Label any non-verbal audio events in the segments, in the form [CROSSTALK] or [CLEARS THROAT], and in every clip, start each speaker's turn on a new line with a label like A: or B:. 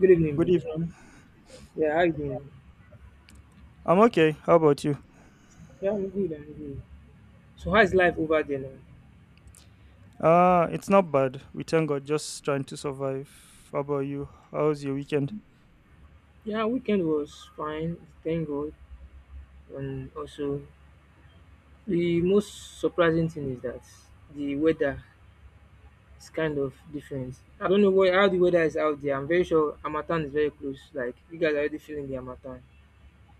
A: Good evening,
B: Good
A: bro.
B: evening.
A: Yeah, how you doing, man?
B: I'm okay. How about you?
A: Yeah, I'm good, I'm good. So how's life over there now?
B: It's not bad. We thank God, just trying to survive. How about you? How's your weekend?
A: Yeah, weekend was fine, thank God. And also the most surprising thing is that the weather is kind of different. I don't know what how the weather is out there. I'm very sure Amatan is very close. Like, you guys are already feeling the Amatan.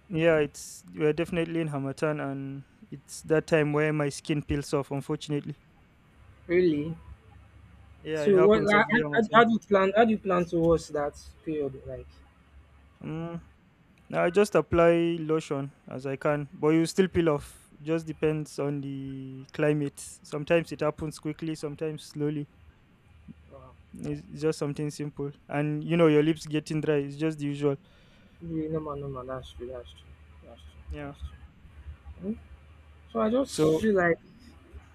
B: Yeah, it's We're definitely in Hamatan, and it's that time where my skin peels off. Unfortunately,
A: Really?
B: yeah, it
A: So what
B: happens every
A: how
B: Hamatan.
A: do you plan towards that period? Like,
B: Mm, nah, I just apply lotion as I can, but you still peel off. Just depends on the climate. Sometimes it happens quickly, sometimes slowly.
A: wow.
B: It's just something simple, and you know your lips getting dry. It's just the usual.
A: Really, normal, normal, that's true, that's true, that's true,
B: Yeah.
A: that's true. Hmm? So I just
B: So.
A: feel like,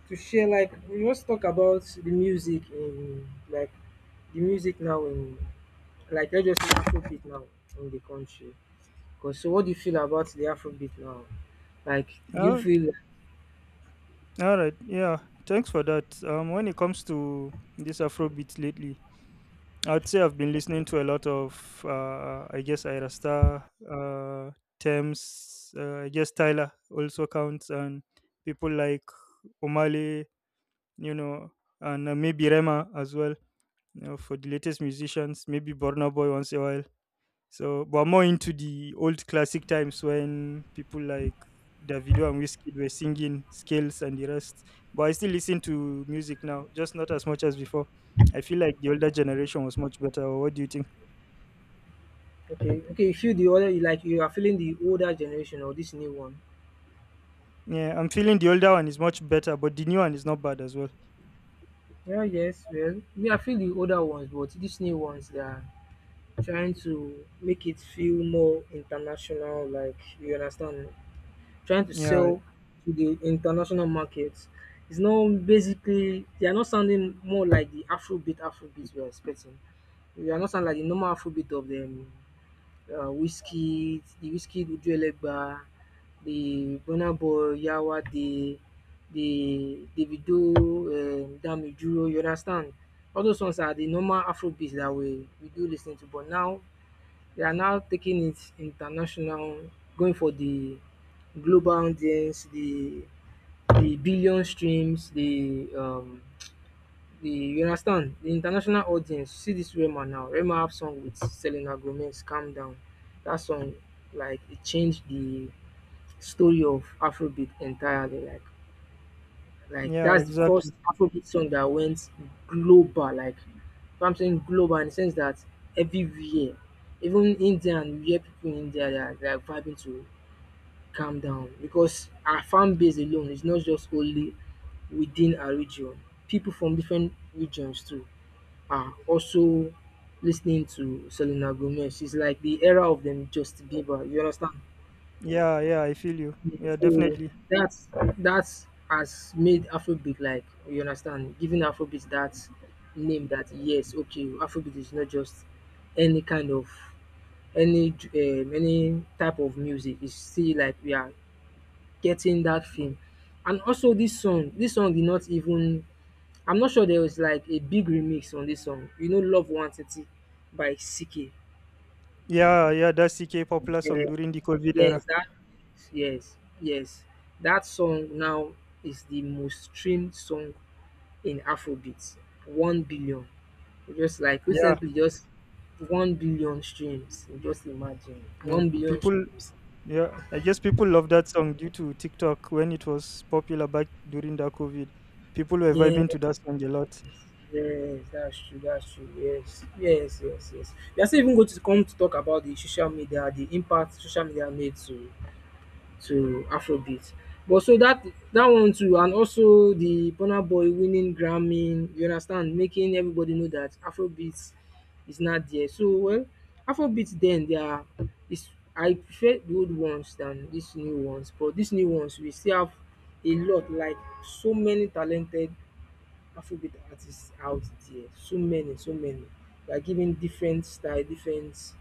A: to share like we must talk about the music in like the music now in let's just say afrobeat now in the country, because so what do you feel about the afrobeat now, like do you
B: Oh,
A: feel
B: all right. Yeah, thanks for that. When it comes to this Afrobeat lately, I'd say I've been listening to a lot of, I guess, Ira Star, Thames, I guess Tyler also counts, and people like Omale, you know, and maybe Rema as well, for the latest musicians, maybe Burna Boy once a while. So, but more into the old classic times when people like Davido and Wizkid were singing scales and the rest. But I still listen to music now, just not as much as before. I feel like the older
A: like,
B: generation was much better. Or What do you think?
A: okay, you feel the older, like you are feeling the older generation or this new one?
B: Yeah, I'm feeling the older one is much better, but the new one is not bad as well.
A: Yeah, yes, well, me, I feel the older ones, but these new ones they are trying to make it feel more international, like you understand, trying to
B: Yeah,
A: sell to the international markets. It's not basically they are not sounding more like the Afrobeats we are expecting. They are not sounding like the normal Afrobeat of them. The whiskey Uju Elegba, the Burna Boy, Yawa, the Davido, Damijuro. You understand? All those ones are the normal Afrobeats that we do listening to, but now they are now taking it international, going for the global audience, the billion streams, the you understand, the international audience. See this Rema now. Rema have song with Selena Gomez, Calm Down. That song, like, it changed the story of Afrobeat entirely. Like
B: yeah,
A: that's the first
B: exactly.
A: Afrobeat song that went global. Like, so I'm saying global in the sense that everywhere, even India, and we hear people in India they are vibing to calm down, because our fan base alone is not just only within our region. People from different regions too are also listening to Selena Gomez. It's like the era of them Justin Bieber. You understand?
B: Yeah, yeah, I feel you. Yeah,
A: So
B: definitely.
A: that's that's has made Afrobeat, like you understand, giving Afrobeat that name that yes, okay, Afrobeat is not just any kind of any type of music. It's still like we are getting that thing, and also this song did not even. I'm not sure there was like a big remix on this song. You know, Love One Thirty by CK.
B: Yeah, yeah, that's CK popular song during the COVID
A: Yes,
B: era.
A: that, yes, yes. That song now is the most streamed song in Afrobeat. 1 billion. Just like
B: Yeah,
A: recently, just 1 billion streams. Just imagine.
B: man.
A: 1 billion
B: People
A: streams.
B: Yeah, I guess people love that song due to TikTok when it was popular back during the COVID. People were vibing
A: Yes,
B: to that song a lot.
A: yes, that's true, that's true. Yes, yes, yes, yes. We are still even going to come to talk about the social media, the impact social media made to Afrobeat. But so that one too, and also the Burna Boy winning Grammy, you understand, making everybody know that Afrobeat is not there. So well, Afrobeat then they are is, I prefer the old ones than these new ones, but these new ones we still have a lot, like so many talented Afrobeat artists out there. So many, so many. They are giving different style, different,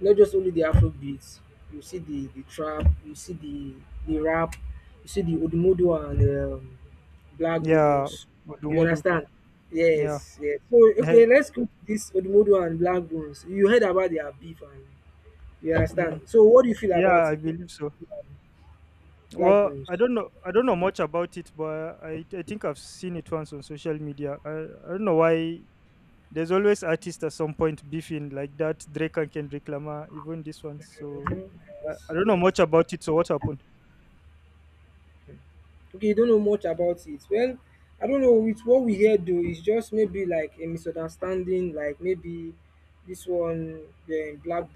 A: not just only the Afro beats. You see the trap, you see the rap, you see the Odumodu and Black
B: Yeah,
A: Bones. You
B: Odumodu.
A: understand?
B: Yeah.
A: Yes, yes. So
B: Eh,
A: okay, let's go to this Odumodu and Black Bones. You heard about their beef, and you
B: mm,
A: understand. So what do you feel
B: yeah,
A: about
B: I
A: it,
B: believe so.
A: Black
B: Well,
A: Bones?
B: I don't know. I don't know much about it, but I think I've seen it once on social media. I don't know why. There's always artists at some point beefing like that. Drake and Kendrick Lamar, even this one. So
A: Mhm, yes,
B: I don't know
A: yes.
B: much about it. So what happened?
A: Okay, you don't know much about it. Well, I don't know. It's what we hear though. It's just maybe like a misunderstanding. Like maybe this one, yeah, Black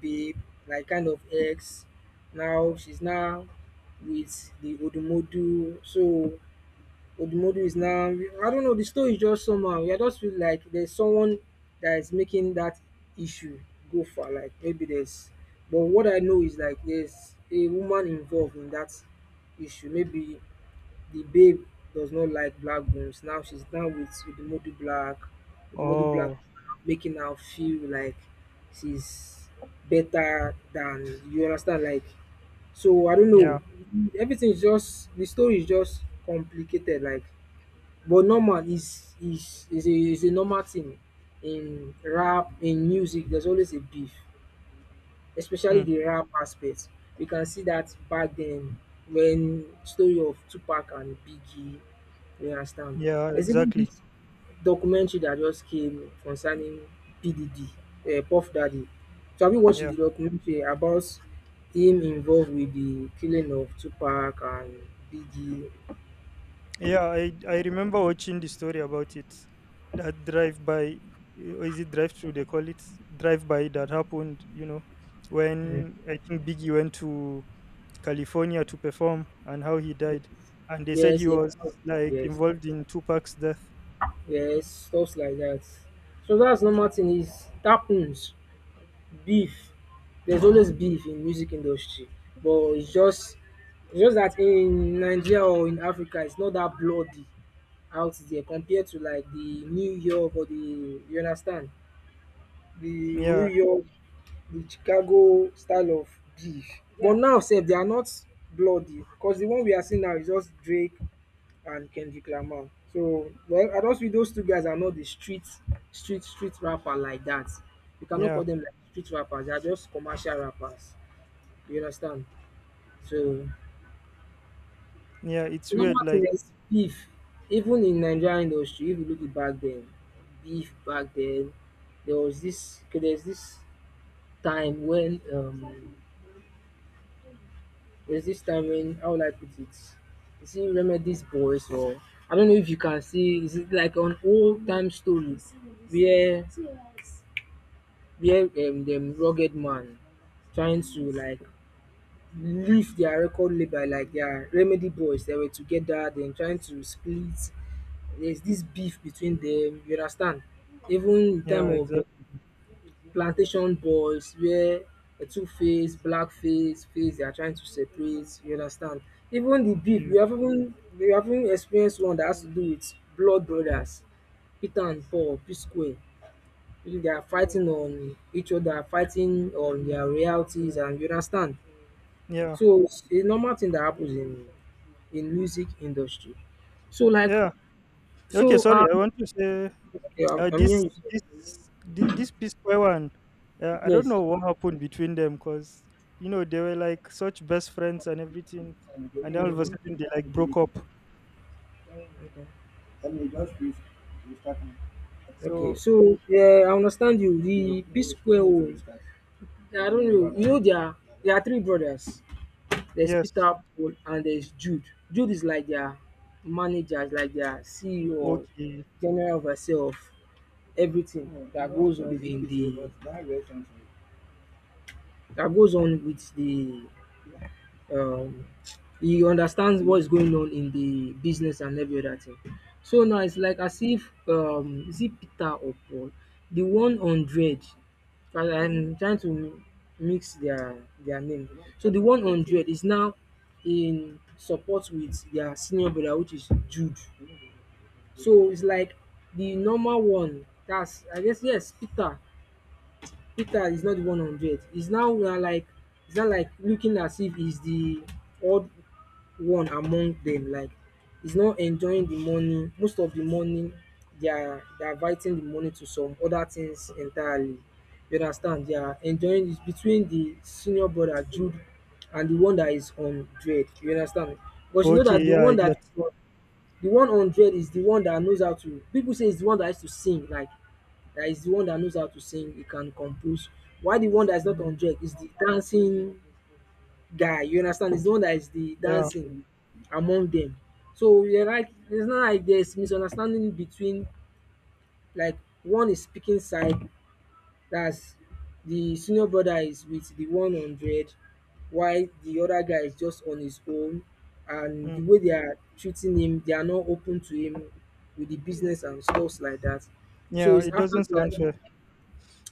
A: babe, like, kind of ex. Now she's now with the Odumodu. So Odumodu is now, I don't know. The story is just somehow. I just feel like there's someone that is making that issue go far. Like maybe there's. But what I know is like there's a woman involved in that issue. Maybe the babe does not like black bones. Now she's down with Udumodu Black. Udumodu Black
B: Oh,
A: making her feel like she's better than, you understand. Like, so, I don't
B: yeah.
A: know. Everything is just the story is just complicated. Like, but normal, is a normal thing in rap in music. There's always a beef, especially
B: Hmm.
A: the rap aspect. We can see that back then, when story of Tupac and Biggie, you understand.
B: Yeah,
A: There's even
B: exactly.
A: this documentary that just came concerning PDD, Puff Daddy. So have you watched
B: Yeah.
A: the documentary about him involved with the killing of Tupac and Biggie?
B: Yeah, I remember watching the story about it. That drive by, or is it drive through they call it? Drive by that happened, you know,
A: Mm.
B: when I think Biggie went to California to perform and how he died. And they said
A: Yes,
B: he
A: yes,
B: was like
A: yes,
B: involved in Tupac's death.
A: yes, stuff like that. So that's normal thing, is it happens. Beef, there's always beef in music industry, but it's just that in Nigeria or in Africa it's not that bloody out there, compared to like the New York or the, you understand, the New
B: Yeah,
A: York, the Chicago style of beef. But now sef they are not bloody, cause the one we are seeing now is just Drake and Kendrick Lamar. So well, I don't see those two guys are not the street rapper like that. You cannot
B: yeah.
A: call them like street rappers. They are just commercial rappers. You understand? So
B: Yeah, it's weird.
A: number thing
B: Like,
A: is beef. Even in Nigerian industry, if you look it back then, beef back then, there was this, okay, there's this time when how would I put it? You see, remember these boys, or I don't know if you can see is it like on old time stories where where dem rugged man trying to like lift their record label, like their remedy boys they were together then trying to split, there's this beef between them, you understand. Even in time
B: yeah,
A: of the
B: exactly.
A: plantation boys where the two face, black face they are trying to separate, you understand. Even the beef
B: Yeah,
A: we have, even we have even experienced one that has to do with blood brothers Peter and Paul P Square, if they are fighting on each other, fighting on their realities, and you understand.
B: yeah,
A: So it's a normal thing that happens in music industry. So like,
B: yeah. Okay,
A: so
B: sorry. I
A: um
B: want to say
A: yeah, I'm
B: uh,
A: I'm hearing
B: this,
A: you, sir.
B: this, this P Square one. I don't
A: Yes.
B: know what happened between them, cause you know they were like such best friends and everything, and then all of a sudden they like broke up.
A: Okay. Okay.
B: So
A: So yeah, I understand you. The P Square O, I don't know. You know there are three brothers. There's
B: yes,
A: Peter, Paul, and there's Jude. Jude is like their manager, like their CEO, or
B: okay,
A: general overseer of everything that goes on in the, that goes on with the, um he understands what's going on in the business and every other thing. So now it's like, as if, is it Peter or Paul? The 100, I'm trying to mix their name. So the 100 is now in support with their senior brother, which is Jude. So it's like the normal one. That's, I guess, yes, Peter is not the 100. He's now we are like, it's not like looking as if he's the odd one among them. Like he's not enjoying the money. Most of the money they are diverting the money to some other things entirely. You understand? They are enjoying it between the senior brother Jude and the one that is on dread. You understand? Because you know
B: okay.
A: that the
B: Yeah,
A: one
B: I get.
A: that the 100 is the one that knows how to, people say it's the one that has to sing, like that is the one that knows how to sing, he can compose. Why the one that is not
B: Mm,
A: hundred is the dancing guy, you understand? It's the one that is the
B: yeah,
A: dancing among them. So you're like it's not like there's misunderstanding between, like, one is speaking side, that's the senior brother is with the 100 while the other guy is just on his own, and
B: mm,
A: the way they are treating him they are not open to him with the business and stuffs like that, so
B: yeah.
A: it's
B: It
A: after
B: doesn't sound
A: that,
B: fair.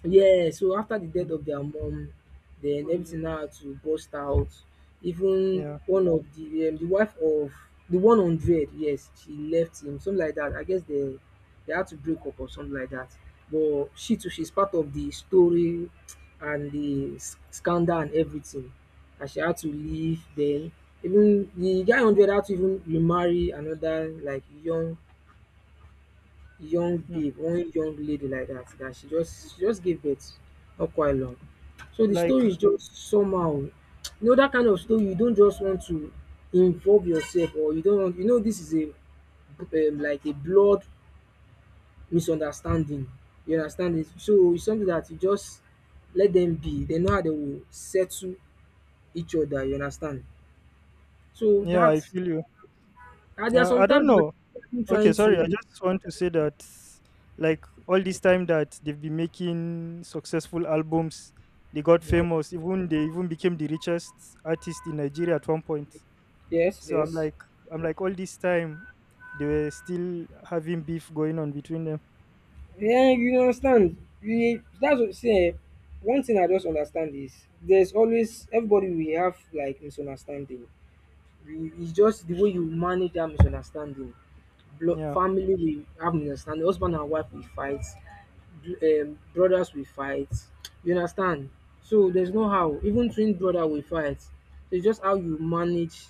A: yeah, so after the death
B: Mm,
A: of their mom, then everything now had to burst out. Even
B: yeah,
A: one of the, the wife of the 100, yes, she left him, something like that. I guess they had to break up or something like that. But she too, she's part of the story and the scandal and everything. And she had to leave. Then even the guy hundred had to even remarry another, like young
B: mm,
A: babe, one young lady like that. That she just give birth not quite long. So the
B: like
A: story is just somehow, you know, dat kind of story you don't just want to involve yourself or you don't want, you know, this is a, like a blood misunderstanding, you understand it. So it's something that you just let them be. They know how they will settle each other, you understand. So
B: yeah, I
A: dat
B: feel you.
A: and there are
B: Yeah, I don't
A: sometimes you
B: know.
A: are
B: Okay,
A: trying
B: sorry. I
A: to.
B: just want to say that, like, all this time that they've been making successful albums, they got famous. Even they even became the richest artist in Nigeria at one point.
A: Yes,
B: So
A: yes.
B: all this time, they were still having beef going on between them.
A: Yeah, you understand. We that's what see. One thing I just understand is there's always everybody we have like misunderstanding. It's just the way you manage that misunderstanding.
B: Yeah.
A: Family we have misunderstanding. Husband and wife we fight. Brothers we fight. You understand? So there's no how. Even twin brother we fight. It's just how you manage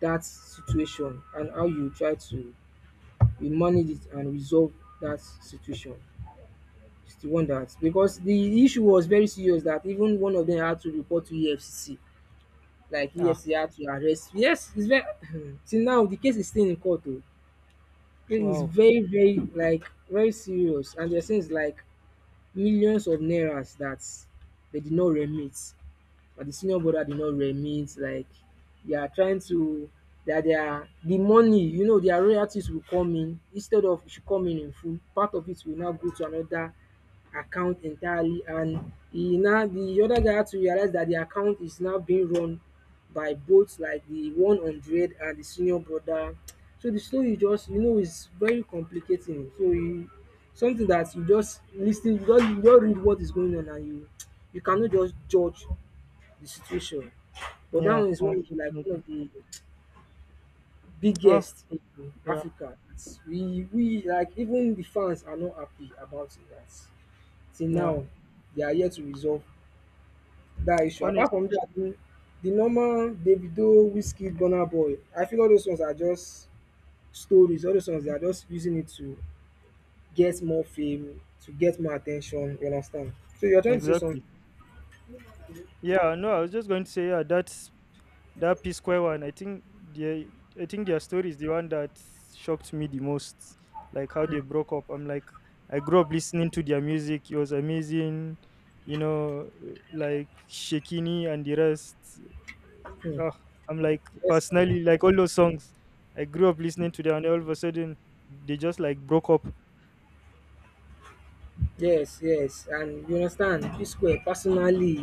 A: that situation and how you try to, you manage it and resolve that situation. It's wonders because the issue was very serious that even one of them had to report to EFCC. Like
B: Ah.
A: EFCC had to arrest. Yes, it's very. [CLEARS THROAT] Till now the case is still in court oh. It is
B: Wow.
A: very, very, like very serious, and there seems like millions of naira that they did not remit, but the senior brother did not remit. Like they are trying to, that they are the money, you know, their royalties will come in, instead of it should come in full, part of it will now go to another account entirely, and he now, the other guy had to realize that the account is now being run by both, like the 100 and the senior brother. So the story is just, you know, is very complicating, so you, something that you just listen, ten you just read what is going on, and you cannot just judge the situation. But that
B: Yeah.
A: one is one of like one
B: Unfortunately.
A: of the
B: Oh.
A: biggest in
B: Yeah.
A: Africa. We like, even the fans are not happy about it, that till
B: Yeah.
A: now they are yet to resolve that issue. Apart
B: Honest.
A: from that, the normal Davido, Wizkid, Burna Boy, I feel all those ones are just stories. All those ones, they are just using it to get more fame, to get more attention. You understand? So you're trying to say something.
B: Exactly. Yeah. No, I was just going to say yeah. That's that P Square one, the I think their story is the one that shocked me the most. Like how they broke up. I'm like, I grew up listening to their music. It was amazing, you know, like Shekini and the rest.
A: Hmm.
B: Uh, I'm like
A: Yes, now.
B: personally like all those songs. I grew up listening to them, and all of a sudden they just like broke up.
A: Yes, yes, and you understand. P Square personally.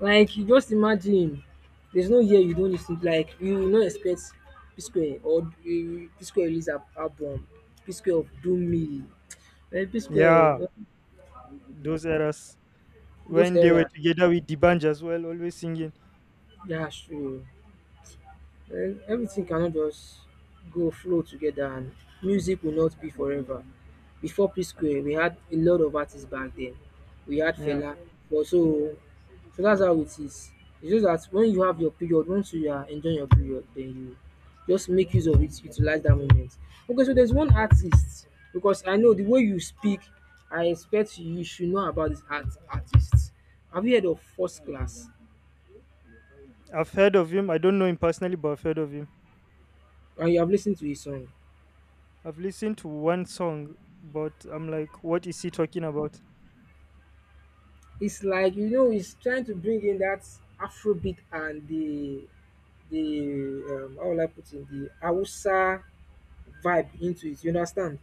A: Like, you just imagine, there's no year you don't lis ten to, like, you no expect P-square, or P-square release al album, P-square of Dunmi,
B: Yeah,
A: P-square,
B: those eras
A: those
B: when they were
A: era.
B: together with Dibanj as well, always singing.
A: That's true. Well, everything cannot just go flow together, and music will not be forever. Before P Square, we had a lot of artists back then. We had
B: Yeah,
A: Fela, but so that's how it is. It's just that when you have your period, once you are enjoying your period, then you just make use of it, utilize that moment. Okay, so there's one artist, because I know the way you speak, I expect you should know about this artist. Have you heard of First Class?
B: I've heard of him. I don't know him personally, but I've heard of him.
A: And you have listened to his song?
B: I've listened to one song, but I'm like, what is he talking about?
A: It's like, you know, he's trying to bring in that Afrobeat and the how will I put it, the Hausa vibe into it. You understand?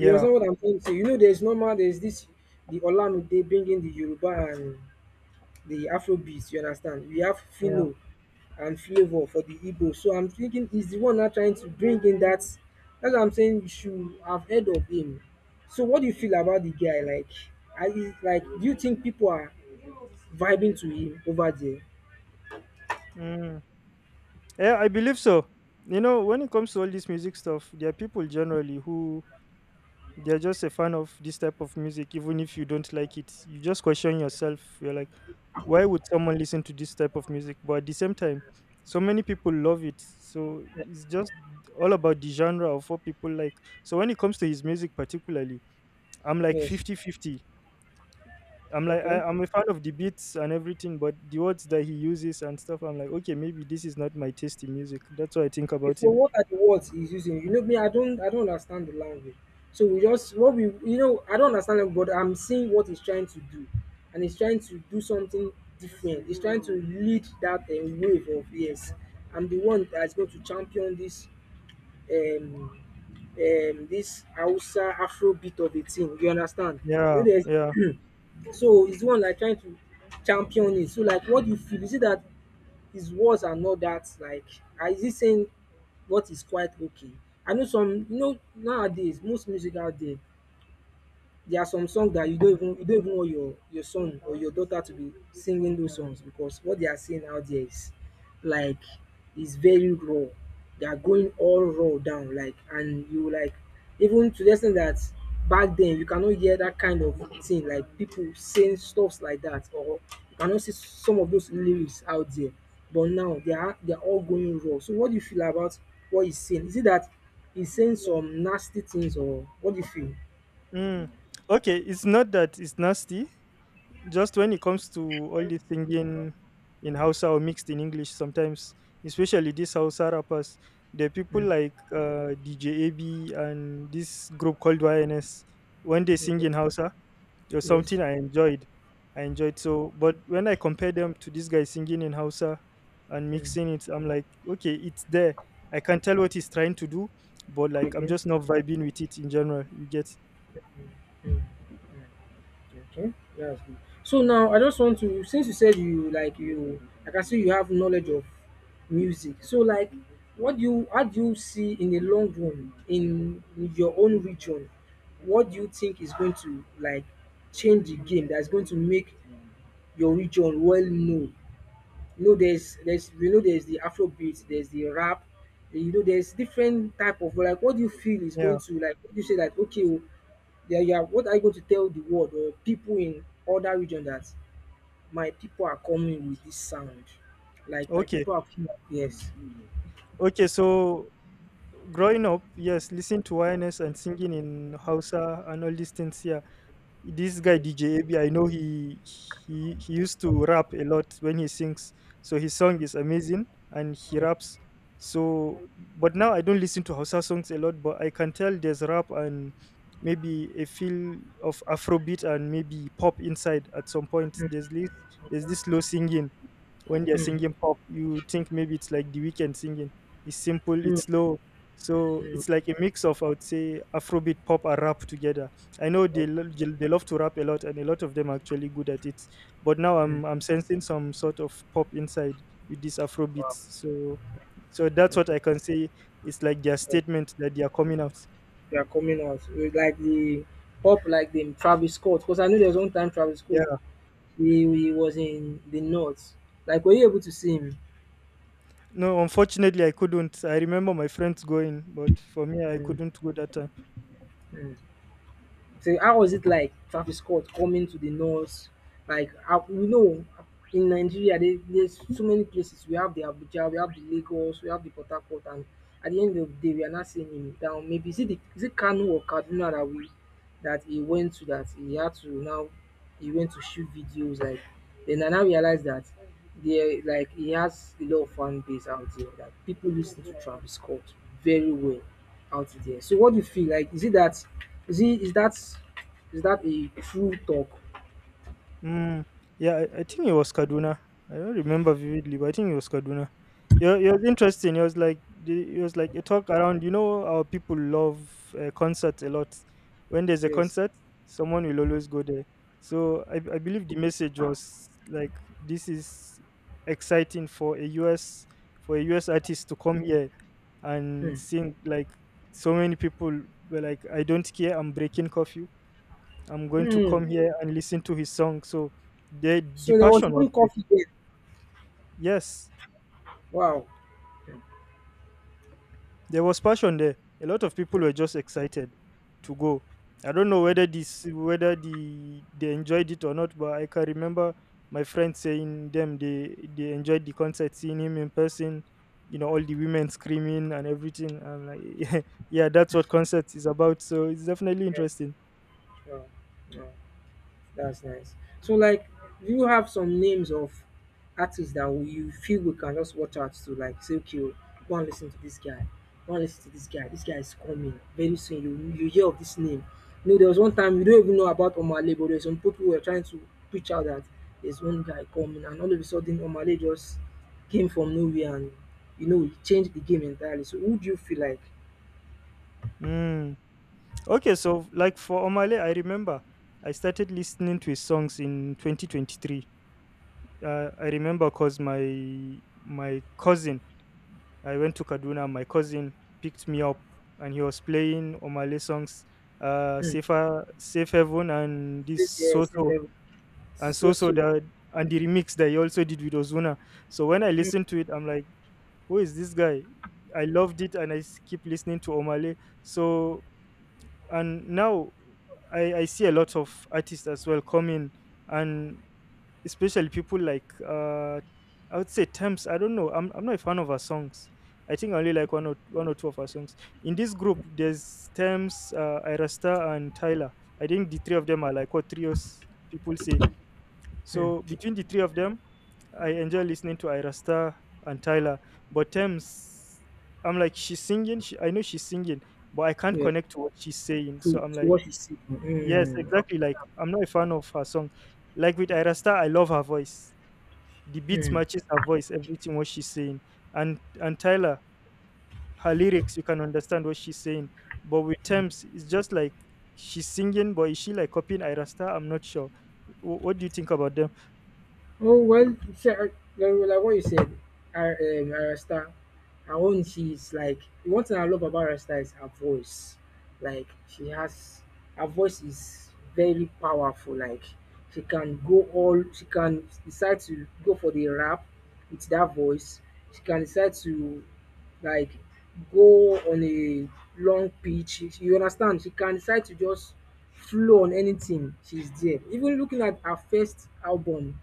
A: You understand what I'm trying to say? You know, there's normal, there's this the Olamide bringing the Yoruba and the Afrobeat. You understand? We have
B: yeah.
A: Fino and Flavor for the Igbo. So I'm thinking he's the one now trying to bring in that. That's what I'm saying. You should have heard of him. So what do you feel about the guy? Like, are, like, do you think people are vibing to him over there?
B: Mm. Yeah, I believe so. You know, when it comes to all this music stuff, there are people generally who they're just a fan of this type of music, even if you don't like it, you just question yourself. You're like, why would someone listen to this type of music, but at the same time so many people love it. So it's just all about the genre of what people like. So when it comes to his music particularly, I'm like
A: Yes.
B: 50/50.
A: Okay.
B: I'm a fan of the beats and everything, but the words that he uses and stuff, I'm like, okay, maybe this is not my taste in music. That's what I think
A: Okay,
B: about
A: so
B: him.
A: what are the words he's using? You know me, I don't understand the language. So we just what we, you know, I don't understand it, but I'm seeing what he's trying to do. And he's trying to do something different. He's trying to lead that wave of, yes, I'm the one that's going to champion this um this Hausa Afro beat of a thing. You understand? You
B: Yeah,
A: know,
B: yeah.
A: there's [CLEARS THROAT] so it's the one like trying to champion it. So like, what do you feel? Is it that his words are not that, like, is he saying what is quite okay? I know, some, you know, nowadays most music out there, there are some songs that you don't even want your son or your daughter to be singing those songs, because what they are seeing out there is, like, is very raw. They are going all raw down, like, and you, like, even to the extent that back then you cannot hear that kind of thing, like people saying stuffs like that, or you cannot see some of those lyrics out there. But now they are all going raw. So what do you feel about what he's saying? Is it that he's saying some nasty things, or what do you feel?
B: Mm. Okay, it's not that it's nasty, just when it comes to all the singing in Hausa or mixed in English, sometimes, especially these Hausa rappers, the people
A: Mm,
B: like DJ AB and this group called YNS. When they sing
A: okay.
B: in Hausa, it was
A: Yes.
B: something I enjoyed. I enjoyed so, but when I compare them to this guy singing in Hausa and
A: Mm.
B: mixing it, I'm like, okay, it's there. I can tell what he's trying to do, but like, I'm
A: Okay.
B: just not vibing with it in general. You get,
A: Mm. Okay. That's good. So now I just want to, since you said you like, I see you have knowledge of music. So like, what do you how do you see in the long run in your own region? What do you think is going to, like, change the game, that's going to make your region well known? You know, there's, you know, there's the Afrobeat, there's the rap, you know, there's different type of, like, what do you feel is
B: yeah,
A: going to, like, what do you say that, okay. Yeah, yeah. What are you going to tell the world or people in other region that my people are coming with this sound? Like, my
B: okay,
A: people are here. Yes,
B: okay. So growing up, yes, listening to YNS and singing in Hausa and all these things. Yeah, this guy
A: yes.
B: DJ AB, I know he used to rap a lot when he sings, so his song is amazing and he
A: Like,
B: raps. So, but now I don't listen to Hausa songs a lot, but I can tell there's rap and maybe a feel of Afrobeat and maybe pop inside at some point. There's this slow singing when they're
A: mm,
B: singing pop, you think maybe it's like the weekend singing. It's simple,
A: mm,
B: it's slow. So
A: mm,
B: it's like a mix of I would say Afrobeat, pop, and rap together. I know
A: okay,
B: they love to rap a lot, and a lot of them are actually good at it. But now
A: mm,
B: I'm sensing some sort of pop inside with this Afrobeat.
A: wow,
B: So so that's what
A: okay.
B: I can say. It's like their
A: Yeah,
B: statement that they are coming out.
A: they are coming out with like the pop, like the Travis Scott. Because I know there's one time Travis Scott
B: Yeah.
A: he was in the north. Like, were you able to see him?
B: No, unfortunately, I couldn't. I remember my friends going, but for me, I
A: Mm,
B: couldn't go that time.
A: mm. So how was it like, Travis Scott coming to the north? Like how, we know in Nigeria, there, there's so many places. We have the Abuja, we have the Lagos, we have the Port Harcourt, and at the end of the day, we are not seeing him down. Maybe is it is it Kano or Kaduna that we that he went to, that he had to now, he went to shoot videos, like, then I now realize that there, like, he has a lot of fan base out there, that people listen to Travis Scott very well out there. So what do you feel like? Is it that, is he, is that a true talk?
B: Mm, yeah, I think it was Kaduna. I don't remember vividly, but I think it was Kaduna. Yeah, it was interesting. It was like a talk around. You know, our people love concerts a lot. When there's a
A: Yes.
B: concert, someone will
A: Mm,
B: always go there. So I believe the message was like, this is exciting for a US artist to come here and
A: mm,
B: sing. Like so many people were like, I don't care. I'm breaking curfew, I'm going to
A: mm.
B: come here and listen to his song. So the
A: So there was
B: passion was
A: even
B: there.
A: coffee there.
B: Yes,
A: Wow. Mm,
B: there was passion there. A lot of people
A: mm,
B: were just excited to go. I don't know whether this whether the they enjoyed it or not, but I can remember my friends saying them they enjoyed the concert, seeing him in person. You know, all the women screaming and everything. I'm like, [LAUGHS] yeah, that's what concert is about. So it's definitely
A: yes.
B: interesting.
A: Wow. Wow. That's nice. So, like, do you have some names of artists that you feel we can just watch out to, like, say, okay, oh, go and listen to this guy, go and listen to this guy. This guy is coming very soon. You hear of this name. You know, there was one time we don't even know about Omale, but there's some people who were trying to preach out that there's one guy coming, and all of a sudden Omale just came from nowhere, and you know, he changed the game entirely. So, who do you feel like?
B: Mm. Okay, so like for Omale, I remember I started listening to his songs in 2023. I remember cause my cousin, I went to Kaduna. My cousin picked me up, and he was playing Omale songs,
A: Hmm,
B: Safer, Safe Heaven, and this.
A: save, yeah, save everything. So so.
B: And the remix that he also did with Ozuna. So when I
A: Hmm,
B: listened to it, I'm like, who is this guy? I loved it, and keep listening to Omale. So and now I see a lot of artists as well coming, and especially people like I would say Thames. I don't know. I'm not a fan of her songs. I think I only like one or two of her songs. In this group, there's Thames, Irasta, and Tyler. I think the three of them are like what trios people say,
A: hmm,
B: so between the three of them, I enjoy listening to Irasta and Tyler. But Thames, I'm like she's singing. She, I know she's singing, but I can't
A: yeah.
B: connect to what she's saying. So
A: to
B: I'm
A: to
B: like,
A: what he's seeking. Mm,
B: yes,
A: you know.
B: exactly. Like
A: So,
B: I'm not a fan of her song. Like with Irasta, I love her voice. The beats
A: mm.
B: matches her voice, everything what she's saying. And Tyler, her lyrics, you can understand what she's saying. But with Thames, it's just like she's singing, but is she like copying Irasta? I'm not sure. What do you think about them?
A: Oh well, sure. Like what you said, Arasta, her own, she's like, one thing I love about Arasta is her voice. Like, she has, her voice is very powerful. Like, she can go all, she can decide to go for the rap with that voice. She can decide to, like, go on a long pitch. You understand? She can decide to just flow on anything. She's there. Even looking at her first album,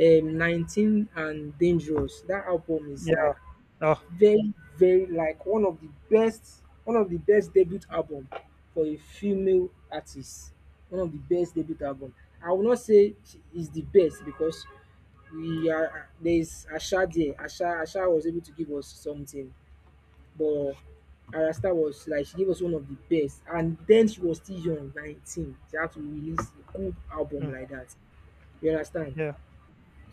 A: 19 and Dangerous, that album is like
B: Yeah. Oh.
A: very, very, like one of the best debut album for a female artist. One of the best debut album. I will not say she is the best because we are there is Asha there. Asha was able to give us something, but Arasta was like, she gave us one of the best, and then she was still young, 19. She had to release a good album
B: Mm.
A: like that. You understand?
B: Yeah.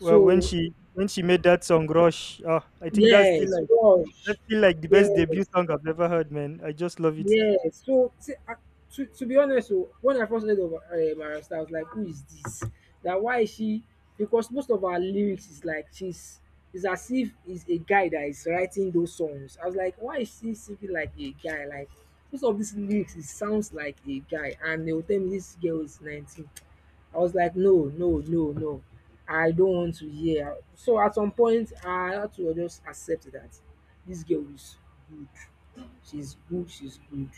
B: Well, when she made that song Rush, oh, I think
A: yes, Rush.
B: that's still like the best debut
A: Yes,
B: song I've ever heard, man. I just love it.
A: yes. So to be honest, so when I first heard of Mariah Styles, I was like, who is this? That why is she? Because most of her lyrics is like, she's it's as if is a guy that is writing those songs. I was like, why is she singing like a guy? Like, most of these lyrics, it sounds like a guy. And they will tell me this girl is 19. I was like, no, no, no, no. I don't want to hear. So at some point, I had to just accept that this girl is good. She's good, she's good.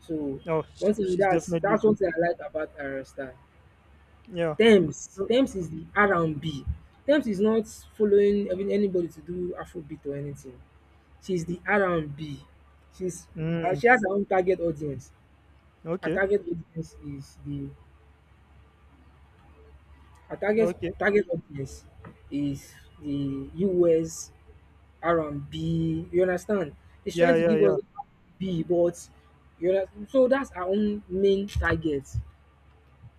A: So
B: Oh,
A: one thing
B: she's
A: that's
B: definitely
A: that's one
B: good.
A: thing I like about her style.
B: Yeah.
A: Thames
B: So,
A: Tems is the R and B. Thames is not following even anybody to do Afrobeat or anything. She's the R and B. She's uh,
B: mm,
A: she has her own target audience. Her
B: okay.
A: target audience is the Her target
B: Okay.
A: target audience is the US R and B. You understand? She's
B: Yeah,
A: trying to
B: yeah,
A: give us
B: yeah.
A: B, but so that's our own main target.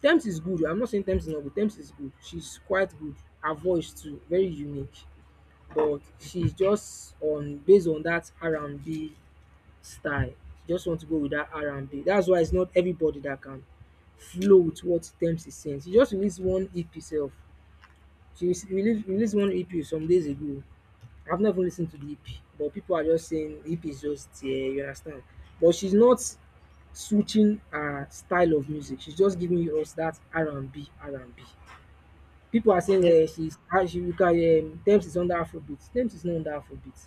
A: Temps is good oh. I'm not saying Temps is not good. Temps is good. She's quite good. Her voice too very unique, but she's just on based on that R&B style. She just want to go with that R&B. That's why it's not everybody that can flow with what Temps is saying. She just released one EP self. She released one EP some days ago. I've never listened to the EP, but people are just saying the EP is just there, you understand? But she's not switching her style of music. She's just giving us that R and B. People are saying
B: Yeah.
A: she's ah, she you can Tems is under Afrobeat. Tems is not under Afrobeat.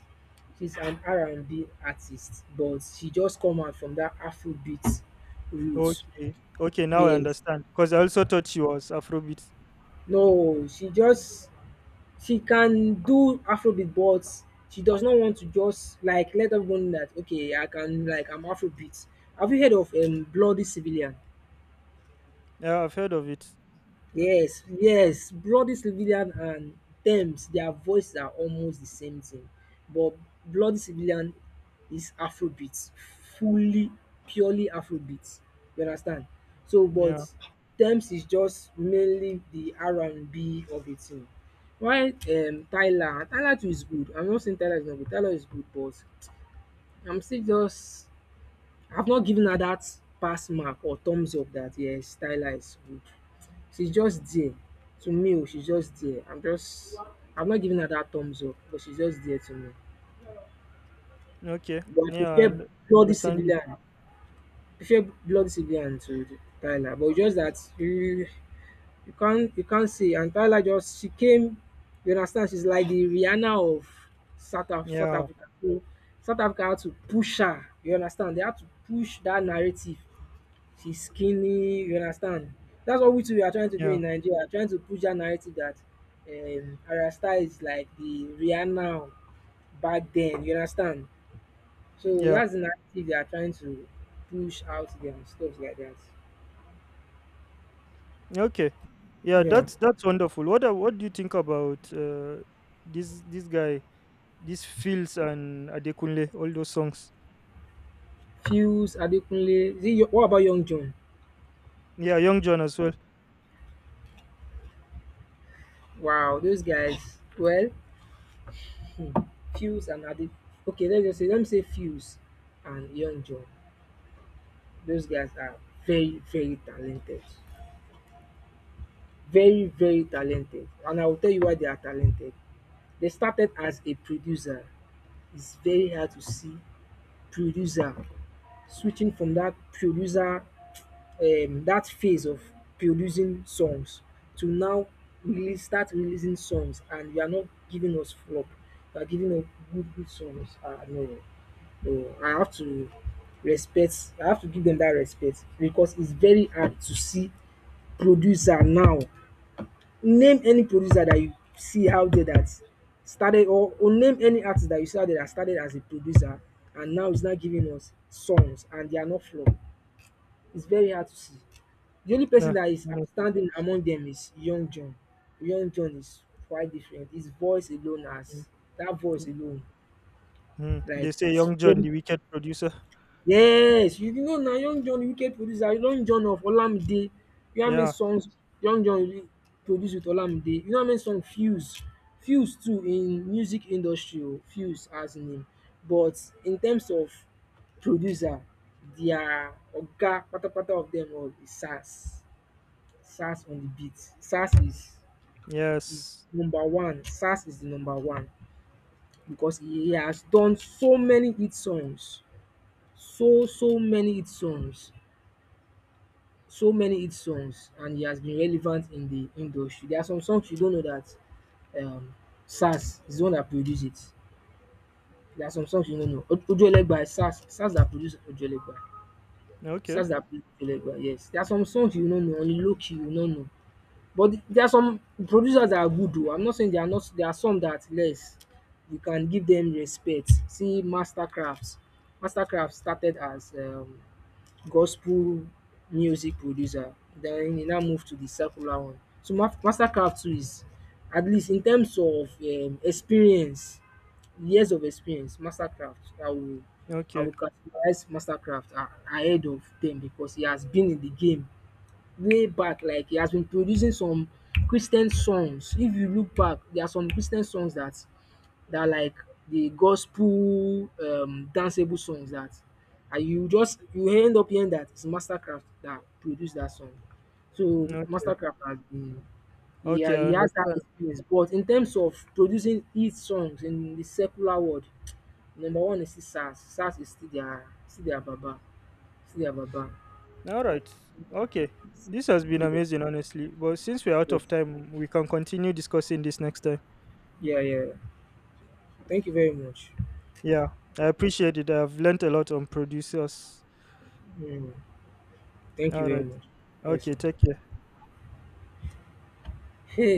A: She's an R&B artist, but she just come out from that Afrobeat roots.
B: Okay. Okay, now I
A: Yes.
B: understand. Cuz I also thought she was Afrobeat.
A: No, she can do Afrobeat, but she does not want to just like let everyone know that okay, I can like I'm Afrobeat. Have you heard of Bloody Civilian?
B: Yeah, I've heard of it. Uh,
A: Yes, yes, Bloody Civilian and Tems, their voices are almost the same thing, but Bloody Civilian is Afrobeat, fully, purely Afrobeat. You understand? So, but
B: Yeah.
A: Tems is just mainly the R&B of the thing. While Tyla too is good. I'm not saying Tyla is not good. Tyla is good, but I'm still just I've not given her dat pass mark or thumbs up dat yes Stylize good. She's just there. To me oh, she's just there. I've not given her dat thumbs up, but she's just there to me.
B: Okay.
A: But
B: Yeah, I
A: Bloody
B: understand you.
A: Civilian I prefer Bloody Civilian to the Tyler, but just dat you can't say and Tyler just she came, you understand, she's like the Rihanna of South Af South
B: Yeah.
A: Africa. So South Africa had to push her, you understand? They had to push dat narrative she's skinny, you understand? That's what we too we are trying to do
B: Yeah.
A: in Nigeria, trying to push that narrative that Arya Star is like the Rihanna back then, you understand? So
B: Yeah.
A: that's the narrative they are trying to push out there and stuff like that.
B: Okay. Yeah,
A: Yeah.
B: that's wonderful. What do you think about this this guy this Fields and Adekunle, all those songs?
A: Fuse, Adekunle, is it, what about Young John?
B: Yeah, Young John as well.
A: Wow, those guys. Well, hmm, Fuse and Ade. Okay, let me say Fuse and Young John. Those guys are very, very talented. Very very talented, and I will tell you why they are talented. They started as a producer. It's very hard to see producer switching from that producer, that phase of producing songs to now release start releasing songs and you are not giving us flop. You are giving us good songs. No, no, I have to give them that respect because it's very hard to see producer now. Name any producer that you see out there that started or name any artist that you see out there that started as a producer and now is not giving us songs and they are not flop. It's very hard to see. The only person
B: Yeah.
A: that is
B: Mm,
A: outstanding among them is Young John. Young John is quite different. His voice alone has that voice
B: mm,
A: alone,
B: mm.
A: like
B: They say
A: it's
B: Young John,
A: very.
B: the wicked producer.
A: Yes, you know na Young John UK producer, Young John of Olamide. You know how many
B: Yeah.
A: songs Young John re produce with Olamide? You know how many song Fuse too in music industry o, Fuse as in, but in terms of producer, their oga patapata of dem all is Sax. Sax on the beat. Sax is
B: Yes.
A: number one. Sax is the number one because he has done so many hit songs, so many hit songs. So many hit songs, and he has been relevant in the industry. There are some songs you don't know that um Sass is the one that produced it. There are some songs you don't know. Ojuelegba is Sass. Sass that produced Ojuelegba.
B: Okay.
A: Sass that produced Ojuelegba, yes. There are some songs you don't know, Only Loki, you don't know. But there are some producers that are good though. I'm not saying they are not. There are some that less. You can give them respect. See Mastercraft. Mastercraft started as gospel music producer, then e now move to the secular one. So Mastercraft too is at least in terms of experience, years of experience. Mastercraft, I will I
B: Okay.
A: will categorize Mastercraft a ahead of dem because he has been in the game way back. Like he has been producing some Christian songs. If you look back, there are some Christian songs that like the gospel, danceable songs, that and you end up hearing that it's Mastercraft that produced that song. So
B: Okay.
A: Mastercraft has been, yeah,
B: Okay.
A: he
B: I
A: has that
B: understand.
A: experience. But in terms of producing hit songs in the secular world, number one is still SARS. SARS is still their baba. Still their baba.
B: All right. Okay. This has been
A: Yeah.
B: amazing, honestly. But since we're out
A: Yes.
B: of time, we can continue discussing this next time.
A: Yeah, yeah. Thank you very much.
B: Yeah. I appreciate it. I've learned a lot on producers.
A: Mm. Thank you
B: All
A: very
B: right.
A: much. Yes, sir.
B: Okay. Take care.
A: Hey.